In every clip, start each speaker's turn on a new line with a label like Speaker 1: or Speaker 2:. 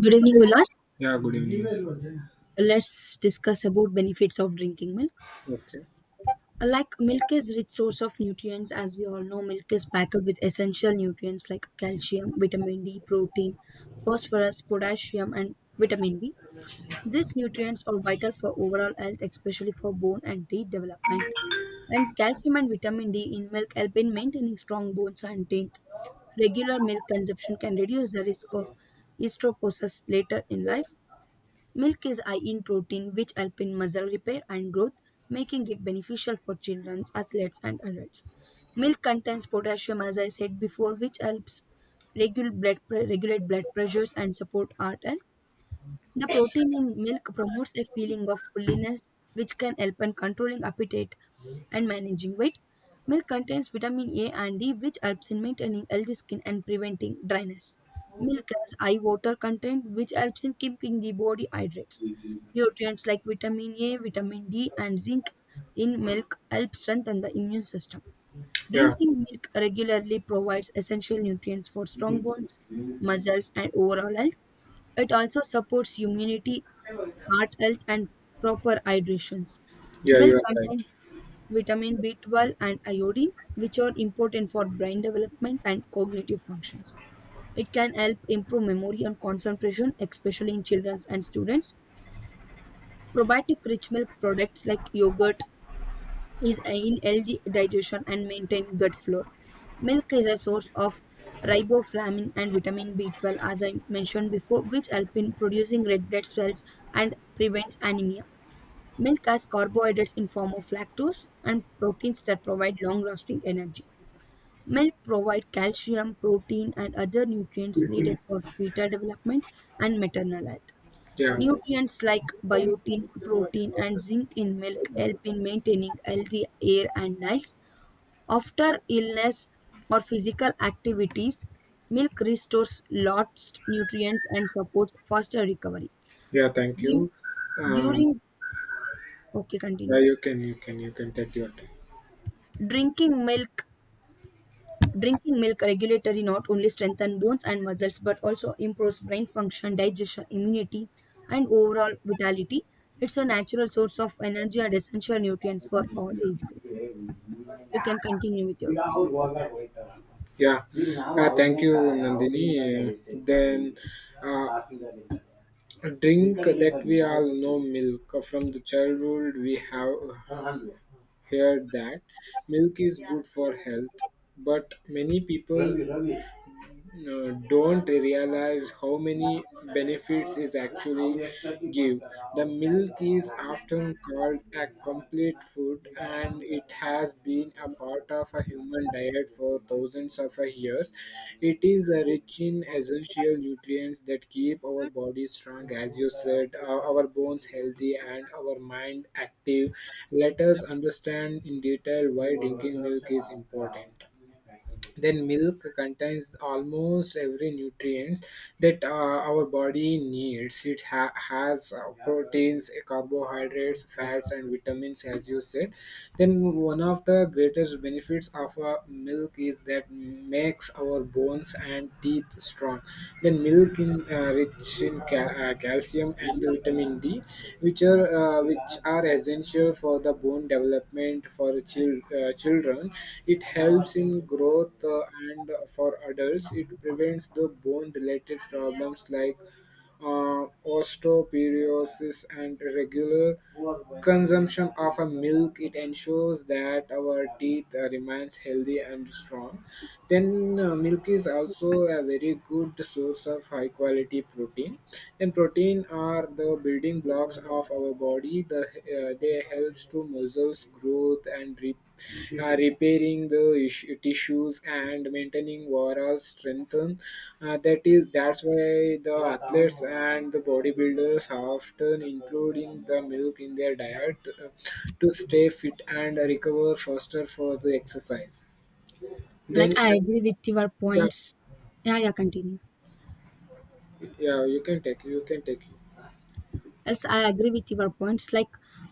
Speaker 1: Good evening, Ulas.
Speaker 2: Yeah, good evening.
Speaker 1: Let's discuss about benefits of drinking milk.
Speaker 2: Okay.
Speaker 1: Like milk is rich source of nutrients, as we all know, milk is packed with essential nutrients like calcium, vitamin D, protein, phosphorus, potassium, and vitamin B. These nutrients are vital for overall health, especially for bone and teeth development. And calcium and vitamin D in milk help in maintaining strong bones and teeth. Regular milk consumption can reduce the risk of osteoporosis later in life. Milk is high in protein, which help in muscle repair and growth, making it beneficial for children, athletes, and adults. Milk contains potassium, as I said before, which helps regulate blood pressures and support heart. And the protein in milk promotes a feeling of fullness, which can help in controlling appetite and managing weight. Milk contains vitamin A and D, which helps in maintaining healthy skin and preventing dryness. Milk has high water content, which helps in keeping the body hydrated. Nutrients like vitamin A, vitamin D, and zinc in milk help strengthen the immune system.
Speaker 2: Yeah,
Speaker 1: Drinking milk regularly provides essential nutrients for strong bones, muscles, and overall health. It also supports immunity, heart health, and proper hydrations.
Speaker 2: yeah, you
Speaker 1: Milk
Speaker 2: are right.
Speaker 1: contains vitamin B12 and iodine, which are important for brain development and cognitive functions. It can help improve memory and concentration, especially in children and students. Probiotic rich milk products like yogurt is in healthy digestion and maintain gut flora. Milk is a source of riboflavin and vitamin B12, as I mentioned before, which help in producing red blood cells and prevents anemia. Milk has carbohydrates in form of lactose and proteins that provide long-lasting energy. Milk provides calcium, protein, and other nutrients needed for fetal development and maternal health.
Speaker 2: Yeah,
Speaker 1: Nutrients like biotin, protein, and zinc in milk help in maintaining healthy hair and nails. After illness or physical activities, milk restores lost nutrients and supports faster recovery.
Speaker 2: yeah, thank
Speaker 1: Drink-
Speaker 2: you. Um,
Speaker 1: During Okay,
Speaker 2: yeah,
Speaker 1: continue.
Speaker 2: you can, you can, you can take your time.
Speaker 1: Drinking milk Drinking milk regulatory not only strengthens bones and muscles but also improves brain function, digestion, immunity, and overall vitality. It's a natural source of energy and essential nutrients for all age group. You can continue with your point.
Speaker 2: Yeah. Thank you, Nandini. Then uh, a drink that we all know milk from the childhood we have heard that milk is Yeah, good for health, but many people don't realize how many benefits is actually give. The milk is often called a complete food, and it has been a part of a human diet for thousands of years. It is rich in essential nutrients that keep our body strong, as you said, our bones healthy and our mind active. Let us understand in detail why drinking milk is important. Then milk contains almost every nutrient that our body needs. It has proteins, carbohydrates, fats, and vitamins, as you said. Then one of the greatest benefits of milk is that makes our bones and teeth strong. Then milk in rich in calcium and vitamin D, which are which are essential for the bone development for children. It helps in growth and for adults. It prevents the bone related problems like osteoporosis, and regular consumption of a milk it ensures that our teeth remains healthy and strong. Then milk is also a very good source of high quality protein, and protein are the building blocks of our body. They helps to muscles growth and repair. Mm-hmm. Repairing the tissues and maintaining overall strength. That's why the athletes and the bodybuilders often including the milk in their diet uh, to stay fit and recover faster for the exercise. Then,
Speaker 1: Like I agree with your
Speaker 2: yeah,
Speaker 1: points. Yeah, yeah, continue.
Speaker 2: yeah, you can take
Speaker 1: Yes, I agree with your points. Like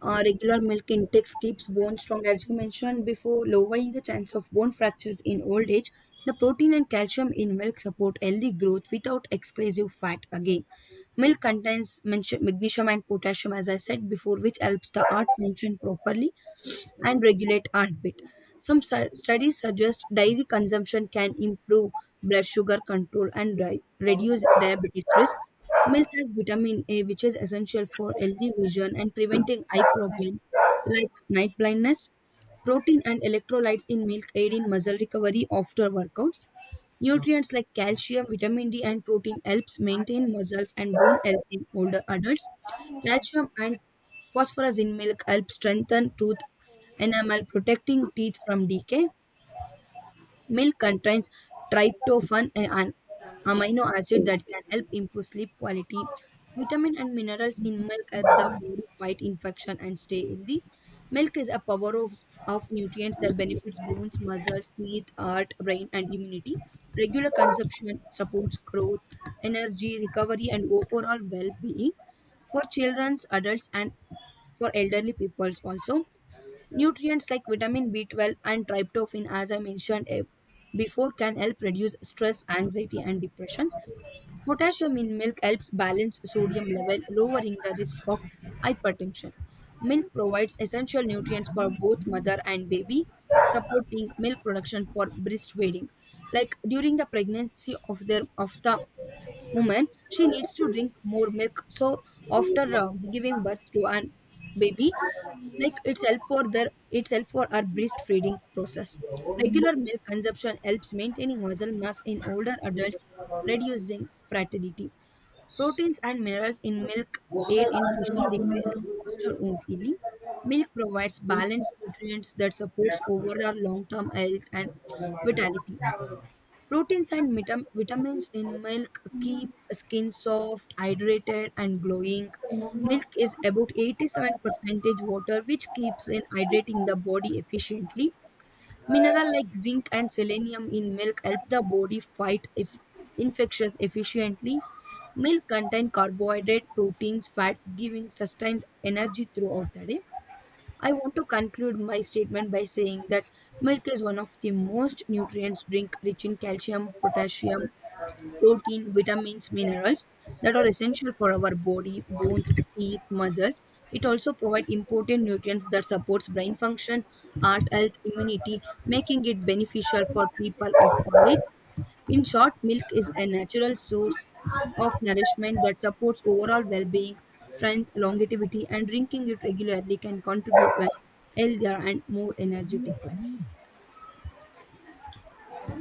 Speaker 1: regular milk intake keeps bone strong, as you mentioned before, lowering the chance of bone fractures in old age. The protein and calcium in milk support healthy growth without excessive fat. Again, milk contains magnesium and potassium, as I said before, which helps the heart function properly and regulate heartbeat. Studies suggest dairy consumption can improve blood sugar control and reduce diabetes risk. Milk has vitamin A, which is essential for healthy vision and preventing eye problems like night blindness. Protein and electrolytes in milk aid in muscle recovery after workouts. Nutrients like calcium, vitamin D, and protein helps maintain muscles and bone health in older adults. Calcium and phosphorus in milk help strengthen tooth enamel, protecting teeth from decay. Milk contains tryptophan, an amino acid that can help improve sleep quality. Vitamin and minerals in milk help the body fight infection and stay healthy. Milk is a power Of nutrients that benefits bones, muscles, teeth, heart, brain, and immunity. Regular consumption supports growth, energy, recovery, and overall well-being for children, adults, and for elderly people also. Nutrients like vitamin B12 and tryptophan, as I mentioned before, can help reduce stress, anxiety, and depressions. Potassium in milk helps balance sodium level, lowering the risk of hypertension. Milk provides essential nutrients for both mother and baby, supporting milk production for breastfeeding. Like during the pregnancy of the woman, she needs to drink more milk. So after giving birth to an baby, itself for our breastfeeding process.
Speaker 2: you.
Speaker 1: Regular milk consumption helps maintaining muscle mass in older adults, reducing fertility. Proteins and minerals in milk aid in tissue repair and foster wound healing. Milk provides balanced nutrients that supports overall long-term health and vitality. Proteins and vitamins in milk keep skin soft, hydrated, and glowing. Milk is about 87% water, which keeps in hydrating the body efficiently. Mineral like zinc and selenium in milk help the body fight if infections efficiently. Milk contain carbohydrate, proteins, fats, giving sustained energy throughout the day. I want to conclude my statement by saying that milk is one of the most nutrients drink rich in calcium, potassium, protein, vitamins, minerals that are essential for our body, bones, teeth, muscles. It also provides important nutrients that supports brain function, heart health, immunity, making it beneficial for people of all age. In short, milk is a natural source of nourishment that supports overall well-being, strength, longevity, and drinking it regularly can contribute to a healthier and more energetic life.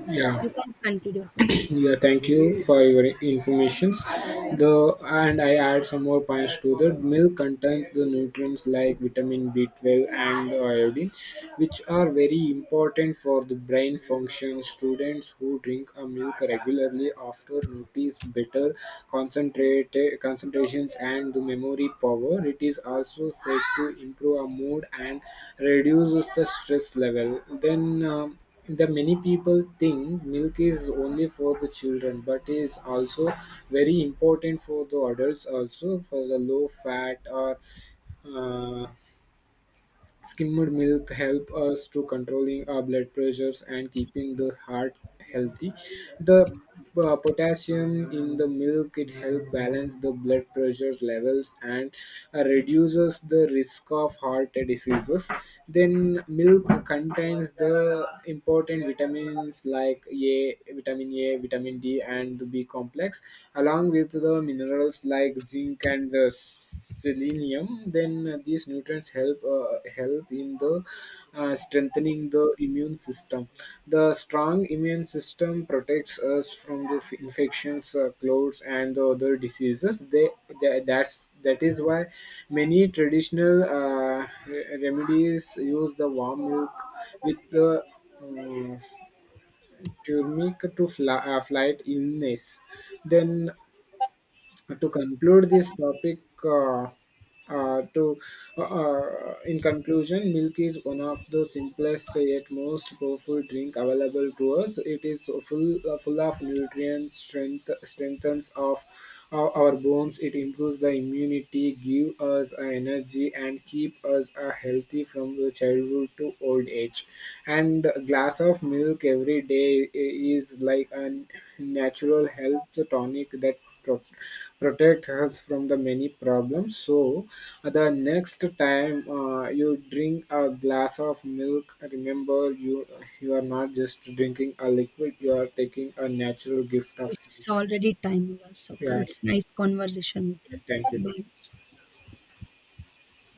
Speaker 2: Yeah.
Speaker 1: You can conclude your point.
Speaker 2: Yeah, thank you for your informations. The and I add some more points to that. Milk contains the nutrients like vitamin B12 and iodine, which are very important for the brain function. Students who drink a milk regularly after notice better concentrate concentrations and the memory power. It is also said to improve our mood and reduces the stress level. The many people think milk is only for the children, but is also very important for the adults, also for the low fat or uh, skimmed milk help us to controlling our blood pressures and keeping the heart healthy. The potassium in the milk it help balance the blood pressure levels and reduces the risk of heart diseases. Then milk contains the important vitamins like vitamin A, vitamin D, and the B complex, along with the minerals like zinc and the selenium. Then these nutrients help in the strengthening the immune system. The strong immune system protects us from the infections, colds, and the other diseases. They that's that is why many traditional remedies use the warm milk with the um, turmeric to fight illness. Then to conclude this topic uh, to in conclusion, milk is one of the simplest yet most powerful drink available to us. It is full of nutrients, strengthens of our bones, it improves the immunity, give us energy and keep us healthy from the childhood to old age. And a glass of milk every day is like a natural health tonic that protect us from the many problems. So the next time you drink a glass of milk, remember, you are not just drinking a liquid, you are taking a natural gift of
Speaker 1: It's
Speaker 2: milk.
Speaker 1: already time, Ulas. Okay,
Speaker 2: Yeah,
Speaker 1: it's nice conversation with you.
Speaker 2: thank you.
Speaker 1: Bye.